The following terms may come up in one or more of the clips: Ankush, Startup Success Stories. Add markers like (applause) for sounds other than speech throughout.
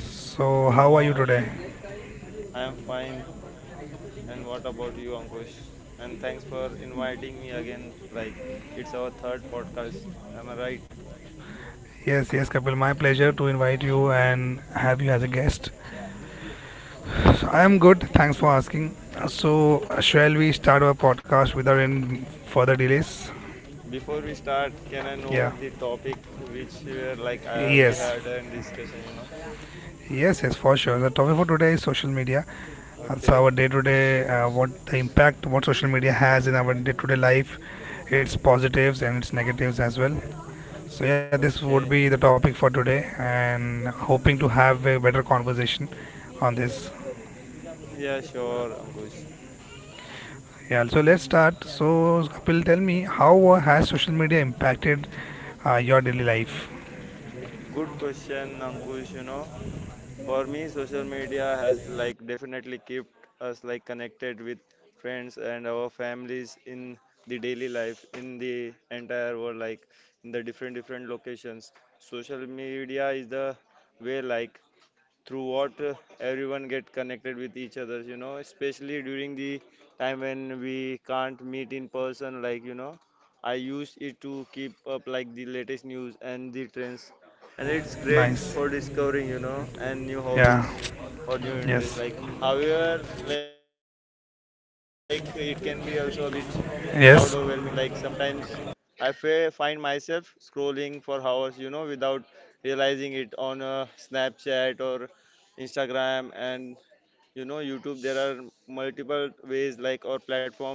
So, Good how are you today? morning. I am fine. And what about you, Ankush? And thanks for inviting me again. Like, it's our third podcast. Am I right? Yes, yes, Kapil. My pleasure to invite you and have you as a guest. So, I am good. Thanks for asking. So, shall we start our podcast without any further delays? Before we start, can I Yeah. know the topic which we are we Yes. had a discussion, you know? Yes, yes, for sure. The topic for today is social media. That's Okay. our day-to-day, what the impact what social media has in our day-to-day life, its positives and its negatives as well. So yeah, this would Okay. be the topic for today, and hoping to have a better conversation on this. Yeah, sure, Ankush. Yeah, so let's start. So Kapil, tell me how has social media impacted your daily life? Good question, Ankush, you know. For me, social media has like definitely kept us like connected with friends and our families in the daily life in the entire world, like in the different different locations. Social media is the way like through what everyone get connected with each other, you know, especially during the time when we can't meet in person, like, you know, I use it to keep up like the latest news and the trends, and it's great Nice. for discovering, you know, and new hobbies Yeah. or new interests. Like, Yes. however, like, it can be also a bit crowd overwhelming, like Yes. sometimes I find myself scrolling for hours, you know, without realizing it on Snapchat or Instagram, and you know YouTube. There are multiple ways like or platform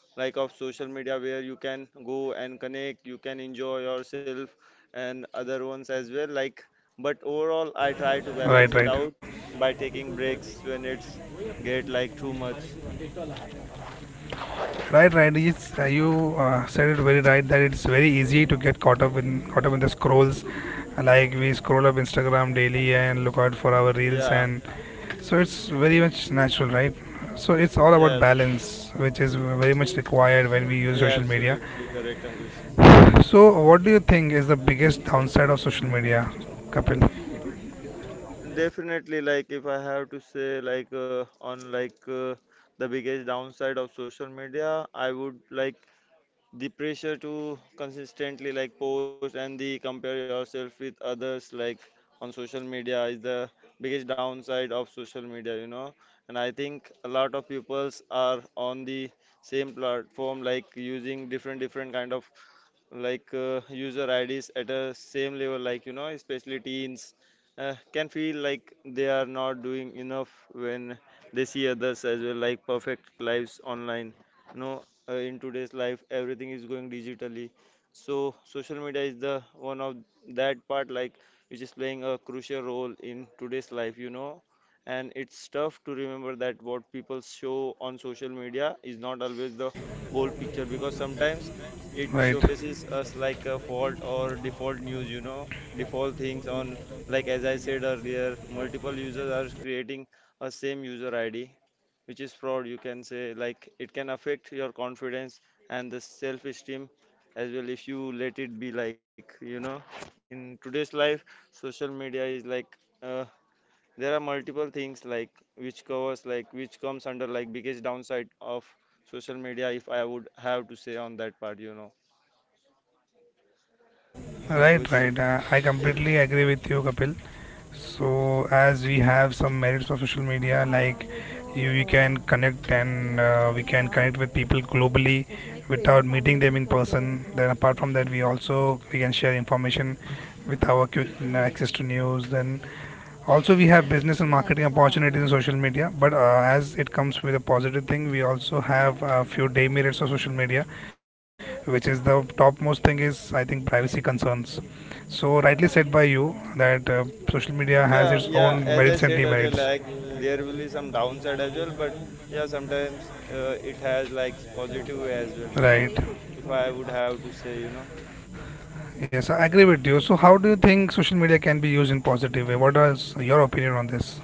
like of social media where you can go and connect. You can enjoy yourself and other ones as well. Like, but overall, I try to balance it out Right. Right. by taking breaks when it's get like too much. Right. Right. It's, you said it very right that it's very easy to get caught up in the scrolls. Like we scroll up Instagram daily and look out for our reels Yeah, and so it's very much natural, right? So it's all about yeah, absolutely, balance, which is very much required when we use social yeah, media. absolutely correct, Ankush. So what do you think is the biggest downside of social media, Kapil? Definitely, like if I have to say, on the biggest downside of social media, I would like the pressure to consistently like post and the compare yourself with others like on social media is the biggest downside of social media, you know. And I think a lot of peoples are on the same platform, like using different different kind of user IDs at a same level, like, you know, especially teens can feel like they are not doing enough when they see others as well, like perfect lives online. You know, in today's life, everything is going digitally, so social media is the one of that part, like which is playing a crucial role in today's life. You know. And it's tough to remember that what people show on social media is not always the whole picture, because sometimes it Right, showcases us like a fault or default news, you know, default things on, like, as I said earlier, multiple users are creating a same user ID which is fraud, you can say. Like, it can affect your confidence and the self esteem as well if you let it be, like, you know. In today's life social media is like, uh, there are multiple things like which covers like which comes under like biggest downside of social media if I would have to say on that part, you know, right, Ankush. right. I completely agree with you, Kapil. So as we have some merits of social media, like we can connect and we can connect with people globally without meeting them in person. Then apart from that, we can share information with our quick access to news. Then also, we have business and marketing opportunities in social media, but as it comes with a positive thing, we also have a few demerits of social media, which is the topmost thing is I think privacy concerns. So, rightly said by you that social media has Yeah, its yeah. own As I merits and said earlier, demerits. like there will be some downside as well, but yeah, sometimes it has like positive as well, you know. Right. If I would have to say, you know. Yes, I agree with you. So, how do you think social media can be used in positive way? What is your opinion on this?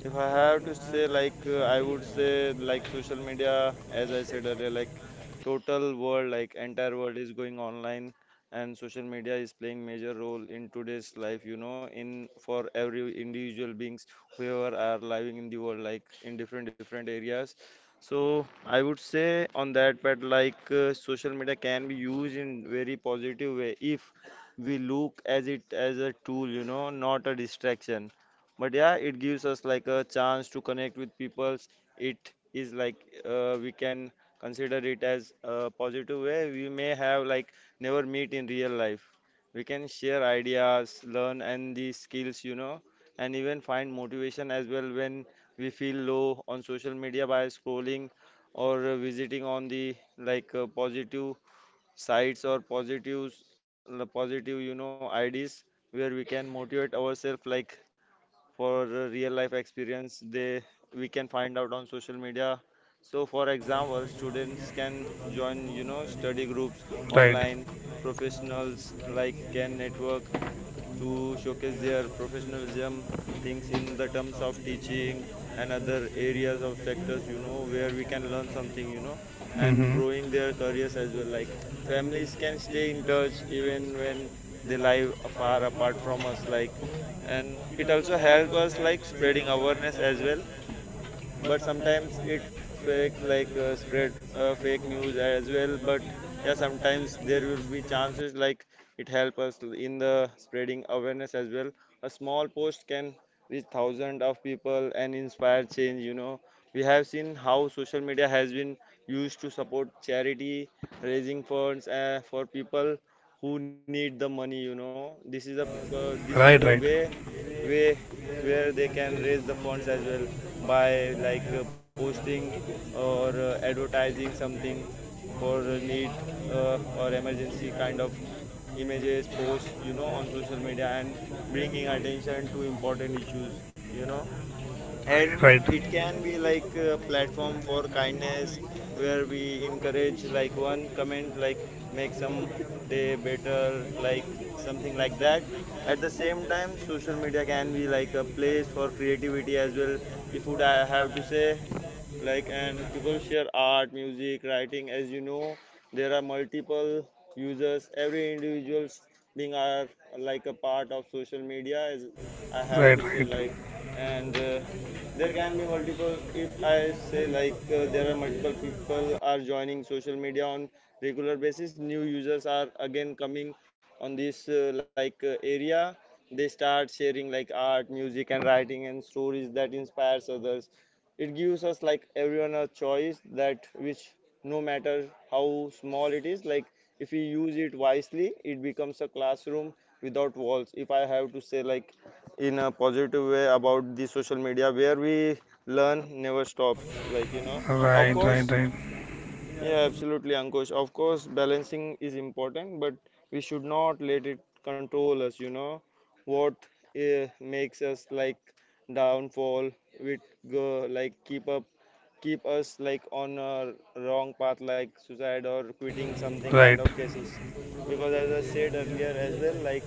If I have to say, like, I would say, like, social media, as I said earlier, like, total world, like, entire world is going online, and social media is playing major role in today's life, you know, in for every individual beings, whoever are living in the world, like, in different different areas. So I would say on that, but social media can be used in very positive way if we look as it as a tool, you know, not a distraction, but yeah it gives us like a chance to connect with people. It is like we can consider it as a positive way. We may have like never meet in real life. We can share ideas, learn and these skills, you know, and even find motivation as well when we feel low on social media by scrolling or visiting on the like positive sites or positive, you know, IDs where we can motivate ourselves like for the real life experience they we can find out on social media. So for example students can join, you know, study groups Right. online, professionals like can network to showcase their professionalism things in the terms of teaching and other areas of sectors, you know, where we can learn something, you know, and Mm-hmm. growing their careers as well. Like, families can stay in touch even when they live far apart from us, like, and it also help us like spreading awareness as well. But sometimes it fakes like spread fake news as well, but yeah sometimes there will be chances like it help us in the spreading awareness as well. A small post can reach thousands of people and inspire change, you know. We have seen how social media has been used to support charity, raising funds for people who need the money, you know. This is a, this is the Right. Right. Way where they can raise the funds as well, by like posting or advertising something for a need, or emergency kind of images posts, you know, on social media, and bringing attention to important issues, you know. Right. And Right. it can be like a platform for kindness where we encourage like one comment like make some day better, like something like that. At the same time social media can be like a place for creativity as well, if would I have to say like. And people share art, music, writing, as you know, there are multiple users, every individuals being are like a part of social media, as I have Right. to say Right. like. And there can be multiple, if I say like there are multiple people are joining social media on regular basis. New users are again coming on this area. They start sharing like art, music and writing and stories that inspires others. It gives us like everyone a choice that which, no matter how small it is, like, if we use it wisely, it becomes a classroom without walls, if I have to say like, in a positive way about the social media where we learn never stops, like, you know. Of Right. course. Right. Right. Yeah, absolutely, Ankush. Of course, balancing is important, but we should not let it control us, you know, what makes us like downfall. We go like keep up keep us like on a wrong path like suicide or quitting something kind Right. of cases, because as I said earlier as well, like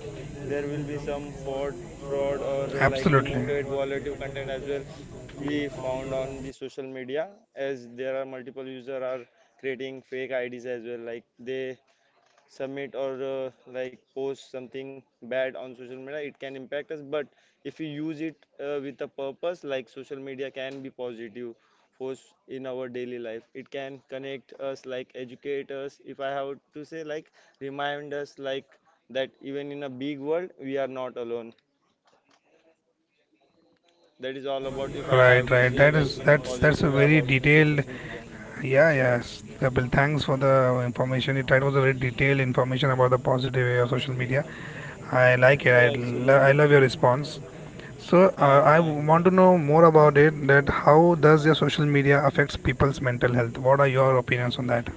there will be some fraud or like Absolutely. demoted volatile content as well we found on the social media, as there are multiple user are creating fake IDs as well, like they submit or like post something bad on social media, it can impact us. But if you use it with a purpose, like, social media can be positive force in our daily life. It can connect us like educate us, if I have to say like, remind us like that even in a big world we are not alone. That is all about, if I Right, have to right. say That like, is in a that's positive a way very about detailed social media. yeah, yes. Yeah, Bill, thanks for the information. It that was a very detailed information about the positive way of social media. I like it. Yeah, I absolutely. love your response. So Thanks, I thanks, bro. want to know more about it. That how does your social media affects people's mental health? What are your opinions on that?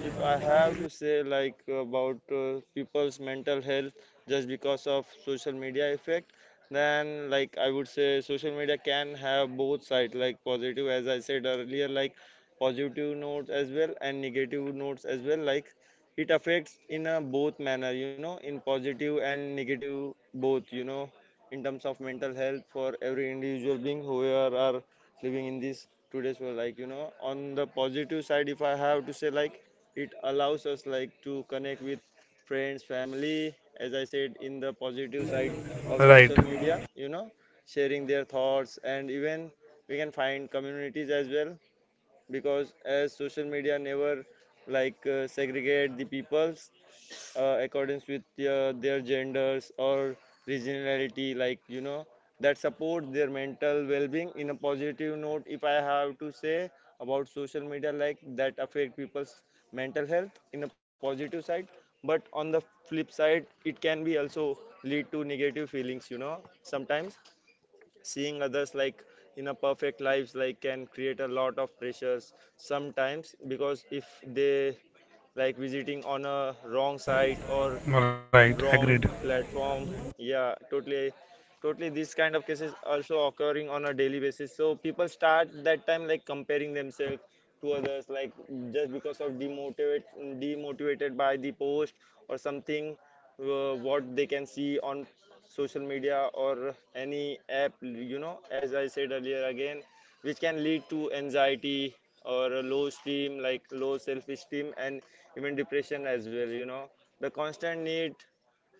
If I have to say like about people's mental health just because of social media effect, then like I would say social media can have both sides, like positive as I said earlier, like positive notes as well and negative notes as well. Like, it affects in a both manner, you know, in positive and negative both, you know, in terms of mental health for every individual being who are living in this today's world. Like, you know, on the positive side, if I have to say like, it allows us like to connect with friends, family, as I said in the positive side of Right, social media, you know, sharing their thoughts, and even we can find communities as well, because as social media never segregate the peoples accordance with their genders or regionality, like, you know, that support their mental well-being in a positive note, if I have to say about social media like, that affect people's mental health in a positive side. But on the flip side it can be also lead to negative feelings, you know. Sometimes seeing others like in a perfect lives like can create a lot of pressures sometimes, because if they like visiting on a wrong site or right. wrong Agreed. platform. Yeah, totally, totally. These kind of cases also occurring on a daily basis. So people start that time like comparing themselves to others, like just because of demotivated by the post or something, what they can see on social media or any app. You know, as I said earlier again, which can lead to anxiety or a low esteem, like low self-esteem, and even depression as well, you know. The constant need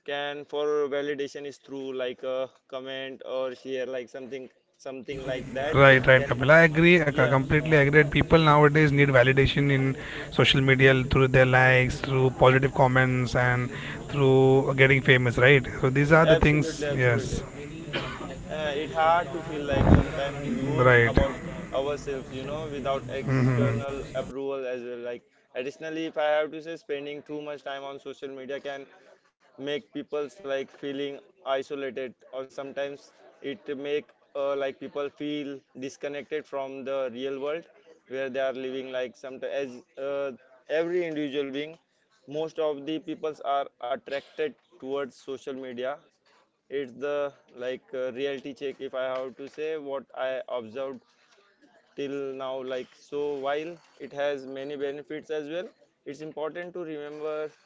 can for validation is through like a comment or share, like something like that. Right, right, Can Kapil. I Yeah, completely agree that people nowadays need validation in social media through their likes, through positive comments, and through getting famous, right? So these are the absolutely things, absolutely yes, It hard to feel like sometimes good right. about ourselves, you know, without external approval as well. Like additionally, if I have to say, spending too much time on social media can make people's like feeling isolated, or sometimes it make like people feel disconnected from the real world where they are living, like some as every individual being, most of the peoples are attracted towards social media. It's the like reality check, if I have to say, what I observed till now. Like so, while it has many benefits as well, it's important to remember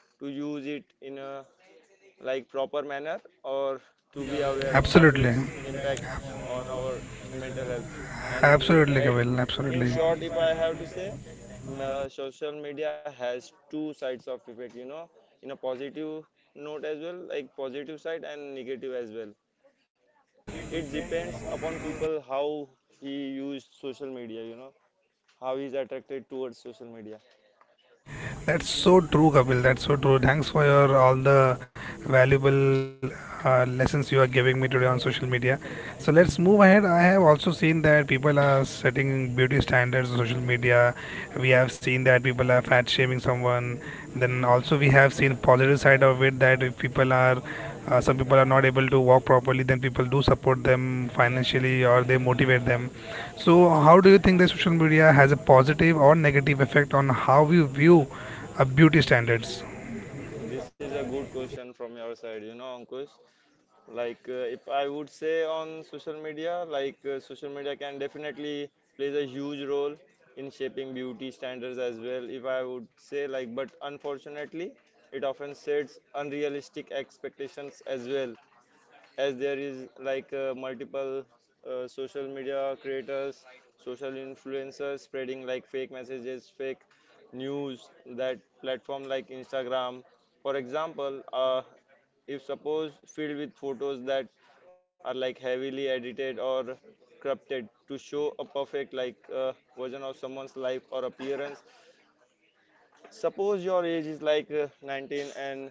to use it in a like proper manner, or to be aware of Absolutely, its impact on our mental health. And I- absolutely, at Kapil, In absolutely. short, if I have to say, social media has two sides of effect, you know, in a positive note as well, like positive side and negative as well. It depends upon people how he used social media, you know, how he's attracted towards social media. That's so true, Kapil. That's so true. Thanks for your all the valuable lessons you are giving me today on social media. So let's move ahead. I have also seen that people are setting beauty standards on social media. We have seen that people are fat shaming someone. Then also we have seen positive side of it that if people are some people are not able to walk properly, then people do support them financially or they motivate them. So, how do you think that social media has a positive or negative effect on how we view beauty standards. This is a good question from your side, you know, Ankush. Like, if I would say on social media, like, social media can definitely plays a huge role in shaping beauty standards as well. If I would say, like, but unfortunately, it often sets unrealistic expectations as well, as there is like multiple social media creators, social influencers spreading like fake messages, fake news, that platform like Instagram. For example, if suppose filled with photos that are like heavily edited or corrupted to show a perfect, like version of someone's life or appearance. Suppose your age is like 19, and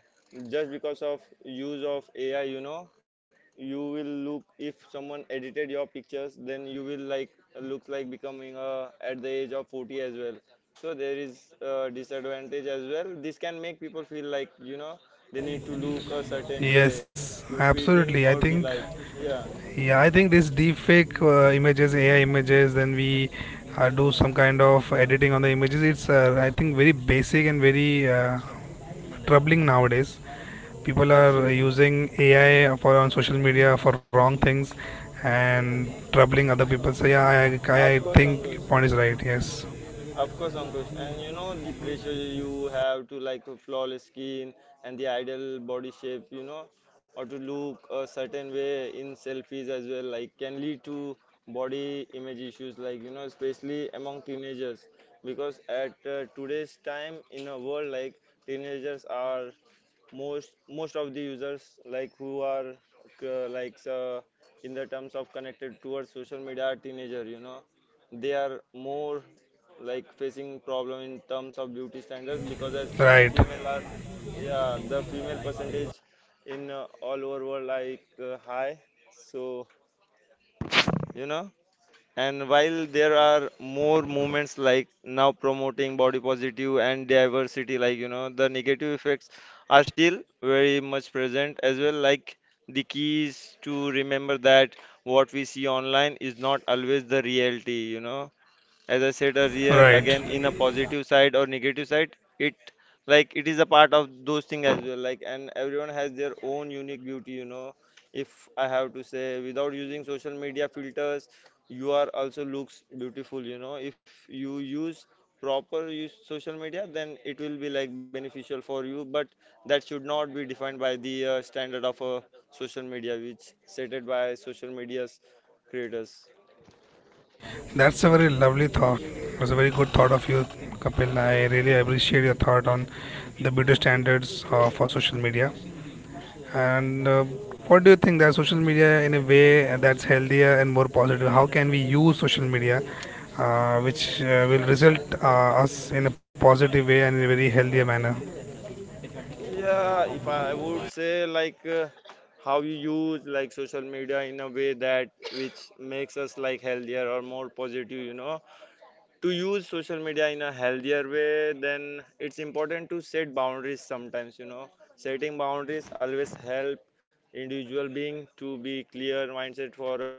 just because of use of AI, you know, you will look, if someone edited your pictures, then you will like looks like becoming at the age of 40 as well. So there is a disadvantage as well. This can make people feel like, you know, they need to look a certain way Yes, to fit in absolutely. or I be think liked. Yeah, yeah, I think this deepfake images, AI images, then we do some kind of editing on the images. It's I think very basic and very troubling nowadays. People are absolutely. using AI for on social media for wrong things and troubling other people. So yeah, I, Of I I course, think Ankush. your point is right. Yes, Of course, Ankush, and you know the pressure you have to like a flawless skin and the ideal body shape, you know, or to look a certain way in selfies as well, like can lead to body image issues, like, you know, especially among teenagers, because at today's time in a world, like teenagers are most of the users, like who are uh, like uh, in the terms of connected towards social media are teenager, you know. They are more like facing problem in terms of beauty standards, because as right, female are, yeah, the female percentage in all over world like high, so, you know. And while there are more movements like now promoting body positive and diversity, like, you know, the negative effects are still very much present as well. Like the key is to remember that what we see online is not always the reality, you know. As I said earlier, right. again, in a positive side or negative side, it like it is a part of those things as well. Like and everyone has their own unique beauty, you know. If I have to say, without using social media filters, you are also looks beautiful, you know. If you use proper, use social media, then it will be like beneficial for you. But that should not be defined by the standard of social media, which stated by social media's creators. That's a very lovely thought. It was a very good thought of you, Kapil. I really appreciate your thought on the beauty standards for social media. And what do you think that social media, in a way that's healthier and more positive, how can we use social media, which will result us in a positive way and in a very healthier manner? Yeah, if I would say, like how you use like social media in a way that which makes us like healthier or more positive, you know, to use social media in a healthier way, then it's important to set boundaries sometimes, you know. Setting boundaries always help individual being to be clear mindset for a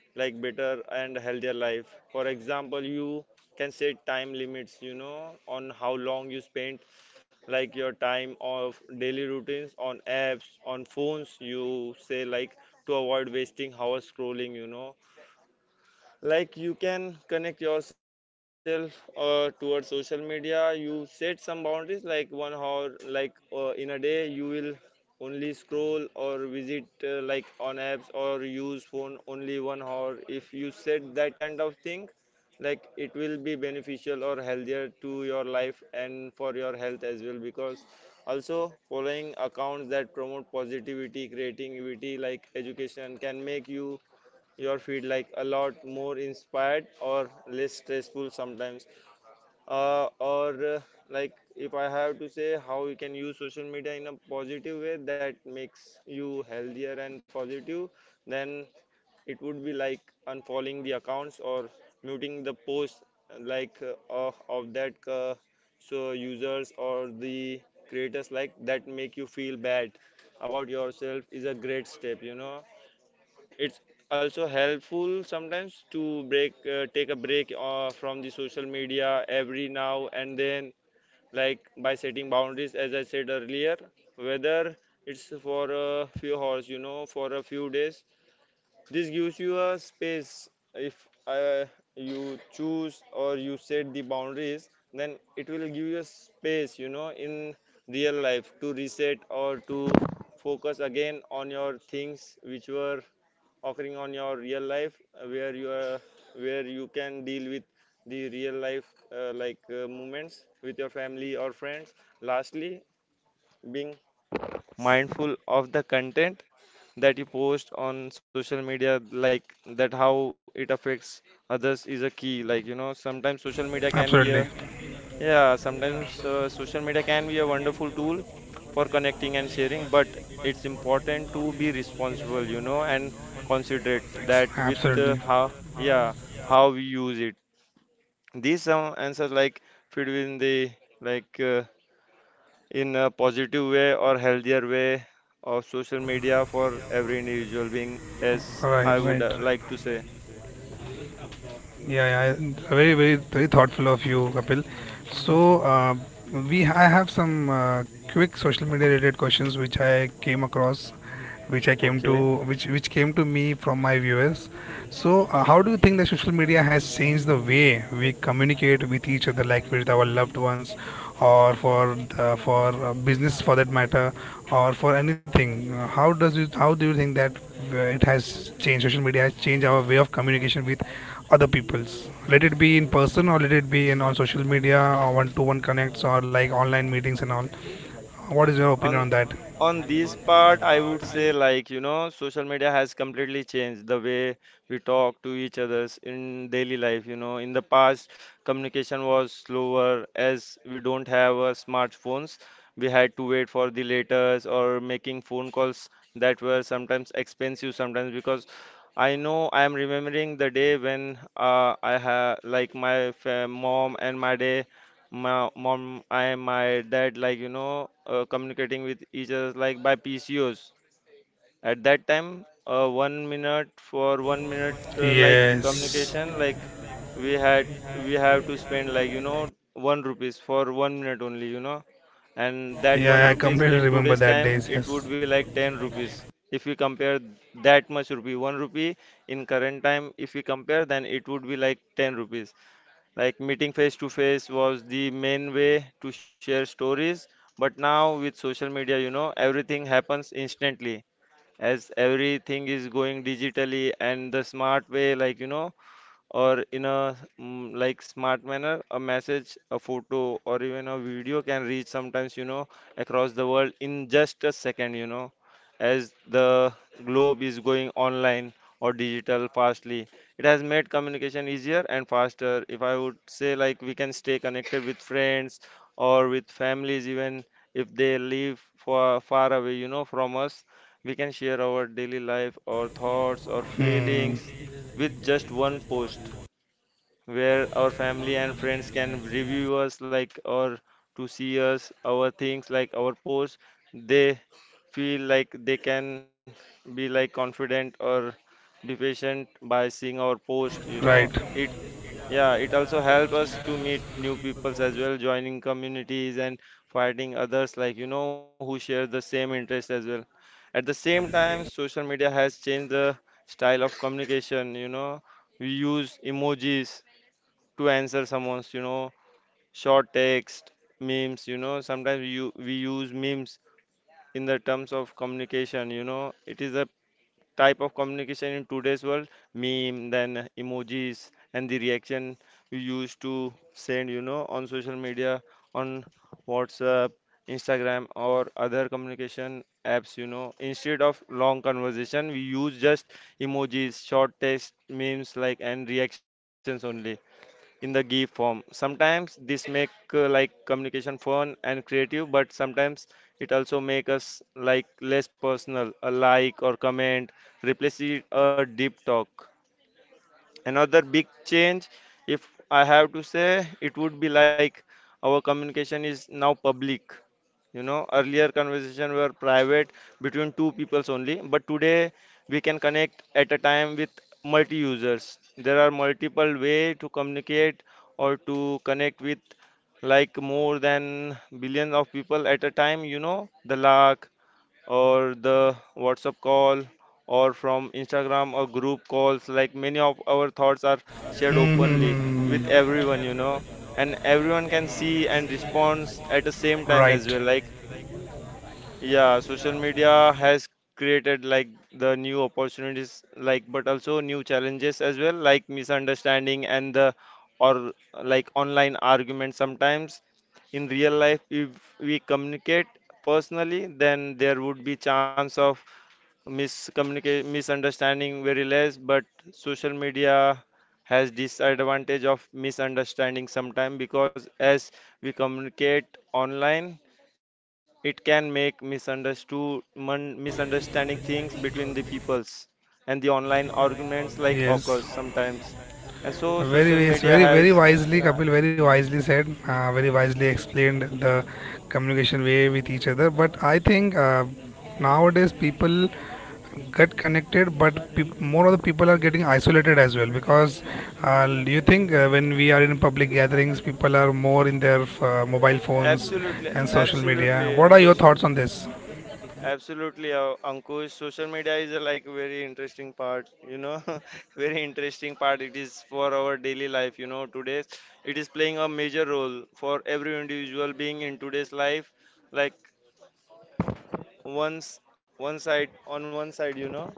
like better and healthier life. For example, you can set time limits, you know, on how long you spend like your time of daily routines on apps on phones, you say, like to avoid wasting hours scrolling, you know. Like you can connect yourself towards social media. You set some boundaries like 1 hour, like in a day you will only scroll or visit like on apps or use phone only 1 hour. If you set that kind of thing, like it will be beneficial or healthier to your life and for your health as well. Because also following accounts that promote positivity, creativity, like education can make you your feed like a lot more inspired or less stressful sometimes, or like if I have to say how you can use social media in a positive way that makes you healthier and positive, then it would be like unfollowing the accounts or muting the posts, like of that so users or the creators like that make you feel bad about yourself is a great step, you know. It's also helpful sometimes to break, take a break from the social media every now and then, like by setting boundaries as I said earlier, whether it's for a few hours, you know, for a few days. This gives you a space. If you choose or you set the boundaries, then it will give you a space, you know, in real life to reset or to focus again on your things which were occurring on your real life, where you are, where you can deal with the real life moments with your family or friends. Lastly, being mindful of the content that you post on social media, like that how it affects others, is a key, like, you know. Sometimes social media can be Absolutely, a, yeah, sometimes social media can be a wonderful tool for connecting and sharing, but it's important to be responsible, you know, and considerate that with absolutely. how, yeah, how we use it. These some answers like fit in the like in a positive way or healthier way of social media for every individual being, as Right, I would right, right. like to say. Yeah, yeah, very thoughtful of you, Kapil. So, we I have some quick social media related questions which I came across, Okay. Which came to me from my viewers. So, how do you think that social media has changed the way we communicate with each other, like with our loved ones, or for the, for business for that matter, or for anything? How does it? How do you think that it has changed? Social media has changed our way of communication with other people's, let it be in person or let it be in on social media or one-to-one connects or like online meetings and all, what is your opinion On on that? On this part, I would say, like, you know, social media has completely changed the way we talk to each others in daily life. You know, in the past, communication was slower as we don't have smartphones. We had to wait for the letters or making phone calls that were sometimes expensive, sometimes, because I know I am remembering the day when I had like my mom and my day, my mom, I my dad, like, you know, communicating with each other like by PCOs at that time. 1 minute, for 1 minute, like Yes. communication, like we have to spend, like, you know, one rupees for 1 minute only, you know. And that one Yeah, I rupees completely in remember today's that time, days. it would Yes. be like 10 rupees. If we compare that much rupee, one rupee in current time, if we compare, then it would be like 10 rupees. Like meeting face to face was the main way to share stories, but now with social media, you know, everything happens instantly, as everything is going digitally and the smart way, like, you know, or in a like smart manner, a message, a photo, or even a video can reach sometimes, you know, across the world in just a second, you know. As the globe is going online or digital fastly, it has made communication easier and faster. If I would say, like, we can stay connected with friends or with families, even if they live far, far away, you know, from us. We can share our daily life, our thoughts or Hmm. feelings with just one post, where our family and friends can review us, like, or to see us, our things, like our posts. They feel like they can be like confident or be patient by seeing our post, you know. Right. It Yeah, it also helps us to meet new peoples as well, joining communities and finding others, like, you know, who share the same interest as well. At the same time, social media has changed the style of communication, you know. We use emojis to answer someone's, you know, short text, memes, you know. Sometimes we use memes in the terms of communication, you know. It is a type of communication in today's world: meme, then emojis, and the reaction you used to send, you know, on social media, on WhatsApp, Instagram, or other communication apps, you know. Instead of long conversation, we use just emojis, short text, memes, like, and reactions only in the GIF form. Sometimes this make like communication fun and creative, but sometimes it also make us like less personal. A like or comment replaces a deep talk. Another big change, if I have to say, it would be like our communication is now public. You know, earlier conversation were private between two peoples only, but today we can connect at a time with multi users. There are multiple way to communicate or to connect with like more than billions of people at a time, you know, the lakh or the WhatsApp call or from Instagram or group calls. Like many of our thoughts are shared Hmm, hmm, openly with hmm. everyone, you know, and everyone can see and responds at the same time as Right. well. Like, yeah, social media has created like the new opportunities, like, but also new challenges as well, like misunderstanding and the or like online arguments sometimes in real life if we communicate personally then there would be chance of miscommunication misunderstanding very less, but social media has disadvantage of misunderstanding sometime because as we communicate online it can make misunderstanding things between the peoples and the online arguments like occurs Yes. sometimes and so social Very, it's media very has, wisely, yeah, Kapil, very wisely said, very wisely explained the communication way with each other. But I think nowadays people get connected, but peop more of the people are getting isolated as well. Because do you think when we are in public gatherings, people are more in their mobile phones absolutely and social media? absolutely What are your ankush. thoughts on this? Absolutely, Ankush. Social media is like very interesting part, you know, (laughs) very interesting part. It is for our daily life, you know. Today, it is playing a major role for every individual being in today's life. Like once, one side on one side, you know,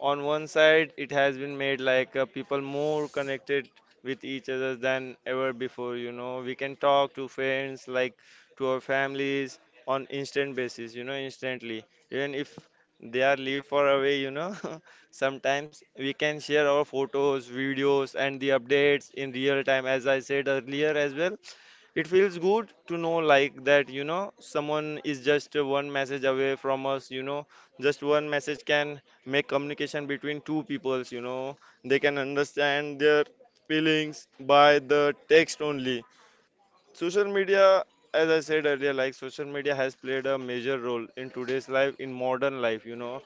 on one side it has been made like people more connected with each other than ever before, you know, we can talk to friends like to our families on instant basis, you know, instantly, even if they are live far away, you know. (laughs) Sometimes we can share our photos, videos and the updates in real time, as I said earlier as well. It feels good to know like that, you know, someone is just one message away from us, you know. Just one message can make communication between two peoples, you know. They can understand their feelings by the text only. Social media, as I said earlier, like social media has played a major role in today's life, in modern life, you know.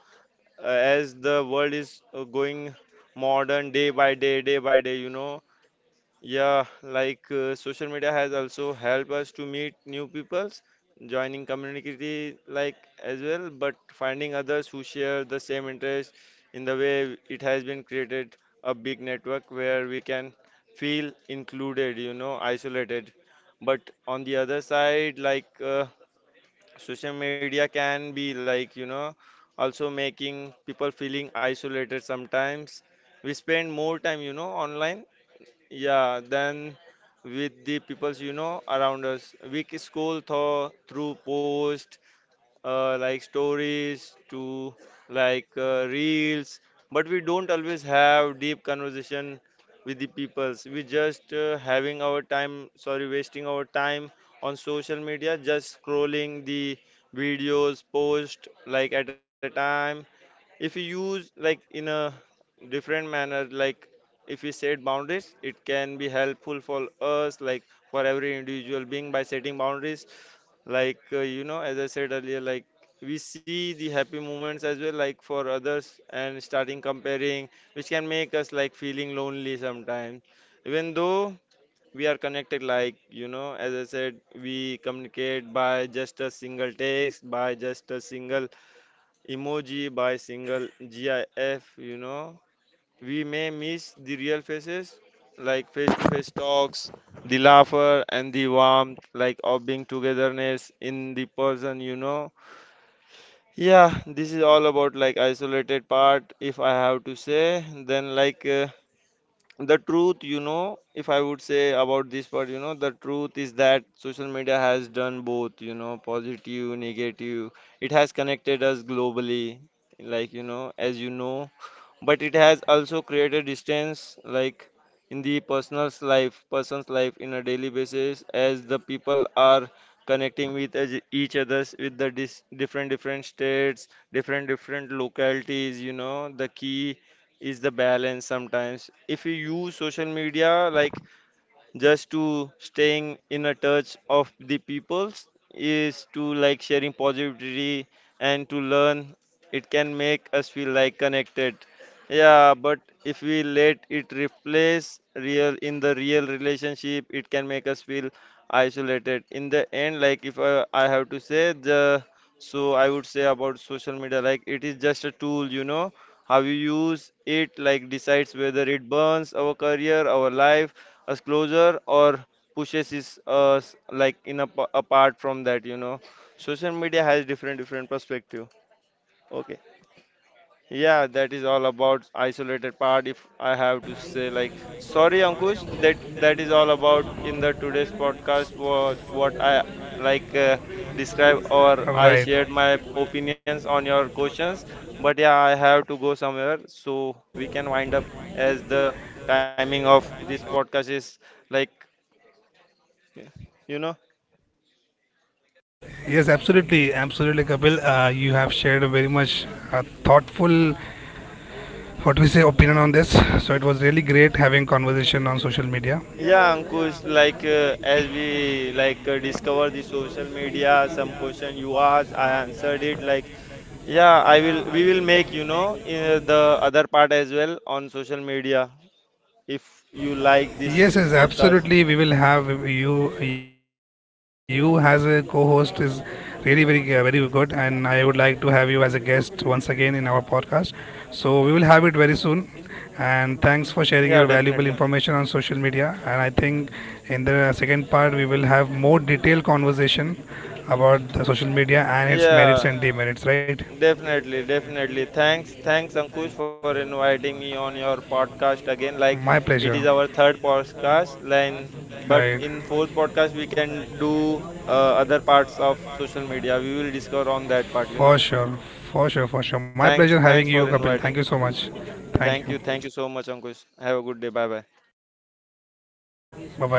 Uh, as the world is going modern day by day, you know. Yeah, like social media has also helped us to meet new peoples, joining community like as well, but finding others who share the same interest. In the way it has been created a big network where we can feel included, you know, isolated. But on the other side, like social media can be like, you know, also making people feeling isolated sometimes. We spend more time, you know, online, yeah, then with the peoples, you know, around us, we can scroll through posts, like stories to like reels, but we don't always have deep conversation with the peoples. We just having our time, sorry, wasting our time on social media, just scrolling the videos, post like at a time. If you use like in a different manner, like if we set boundaries, it can be helpful for us, like for every individual being, by setting boundaries, like you know, as I said earlier, like we see the happy moments as well, like for others, and starting comparing, which can make us like feeling lonely sometimes, even though we are connected, like, you know, as I said, we communicate by just a single text, by just a single emoji, by single GIF, you know. We may miss the real faces, like face to face talks, the laughter, and the warmth, like of being togetherness in the person, you know. Yeah, this is all about like isolated part, if I have to say. Then, like, the truth, you know, if I would say about this part, you know, the truth is that social media has done both, you know, positive, negative. It has connected us globally, like, you know, as you know, but it has also created distance like in the person's life in a daily basis, as the people are connecting with each others with the different different states, different different localities, you know. The key is the balance. Sometimes if you use social media like just to staying in a touch of the peoples, is to like sharing positivity and to learn, it can make us feel like connected, yeah, but if we let it replace real in the real relationship, it can make us feel isolated in the end. Like if I, I have to say the, so I would say about social media, like it is just a tool, you know. How you use it, like, decides whether it burns our career, our life, us closer or pushes is us like in a, apart from that, you know, social media has different different perspective, okay. Yeah, that is all about isolated part, if I have to say, like, sorry Ankush, that is all about in the today's podcast, what I like describe or I Right. shared my opinions on your questions. But yeah, I have to go somewhere, so we can wind up, as the timing of this podcast is, like, yeah. You know, Yes, absolutely, absolutely, Kapil. You have shared a very much thoughtful, what we say, opinion on this. So it was really great having conversation on social media. yeah Ankush, like as we like discover the social media, some question you asked I answered it, like, yeah I will, we will make, you know, the other part as well on social media if you like this Yes, yes, podcast. absolutely, we will have you. You as a co-host is really very very good, and I would like to have you as a guest once again in our podcast. So we will have it very soon, and thanks for sharing your Yeah, valuable definitely. information on social media, and I think in the second part we will have more detailed conversation about the social media and its merits Yeah. and demerits, right? Definitely. Thanks Ankush for inviting me on your podcast again. My Like, pleasure. it is our third podcast, then, Right. but in fourth podcast we can do other parts of social media. We will discuss on that part, For you know. sure, for sure, for sure. My pleasure Thanks, having thanks you, for Kapil. Thank you inviting. so much. Thank you. Thank you so much, Ankush. Have a good day. Bye bye. Bye bye.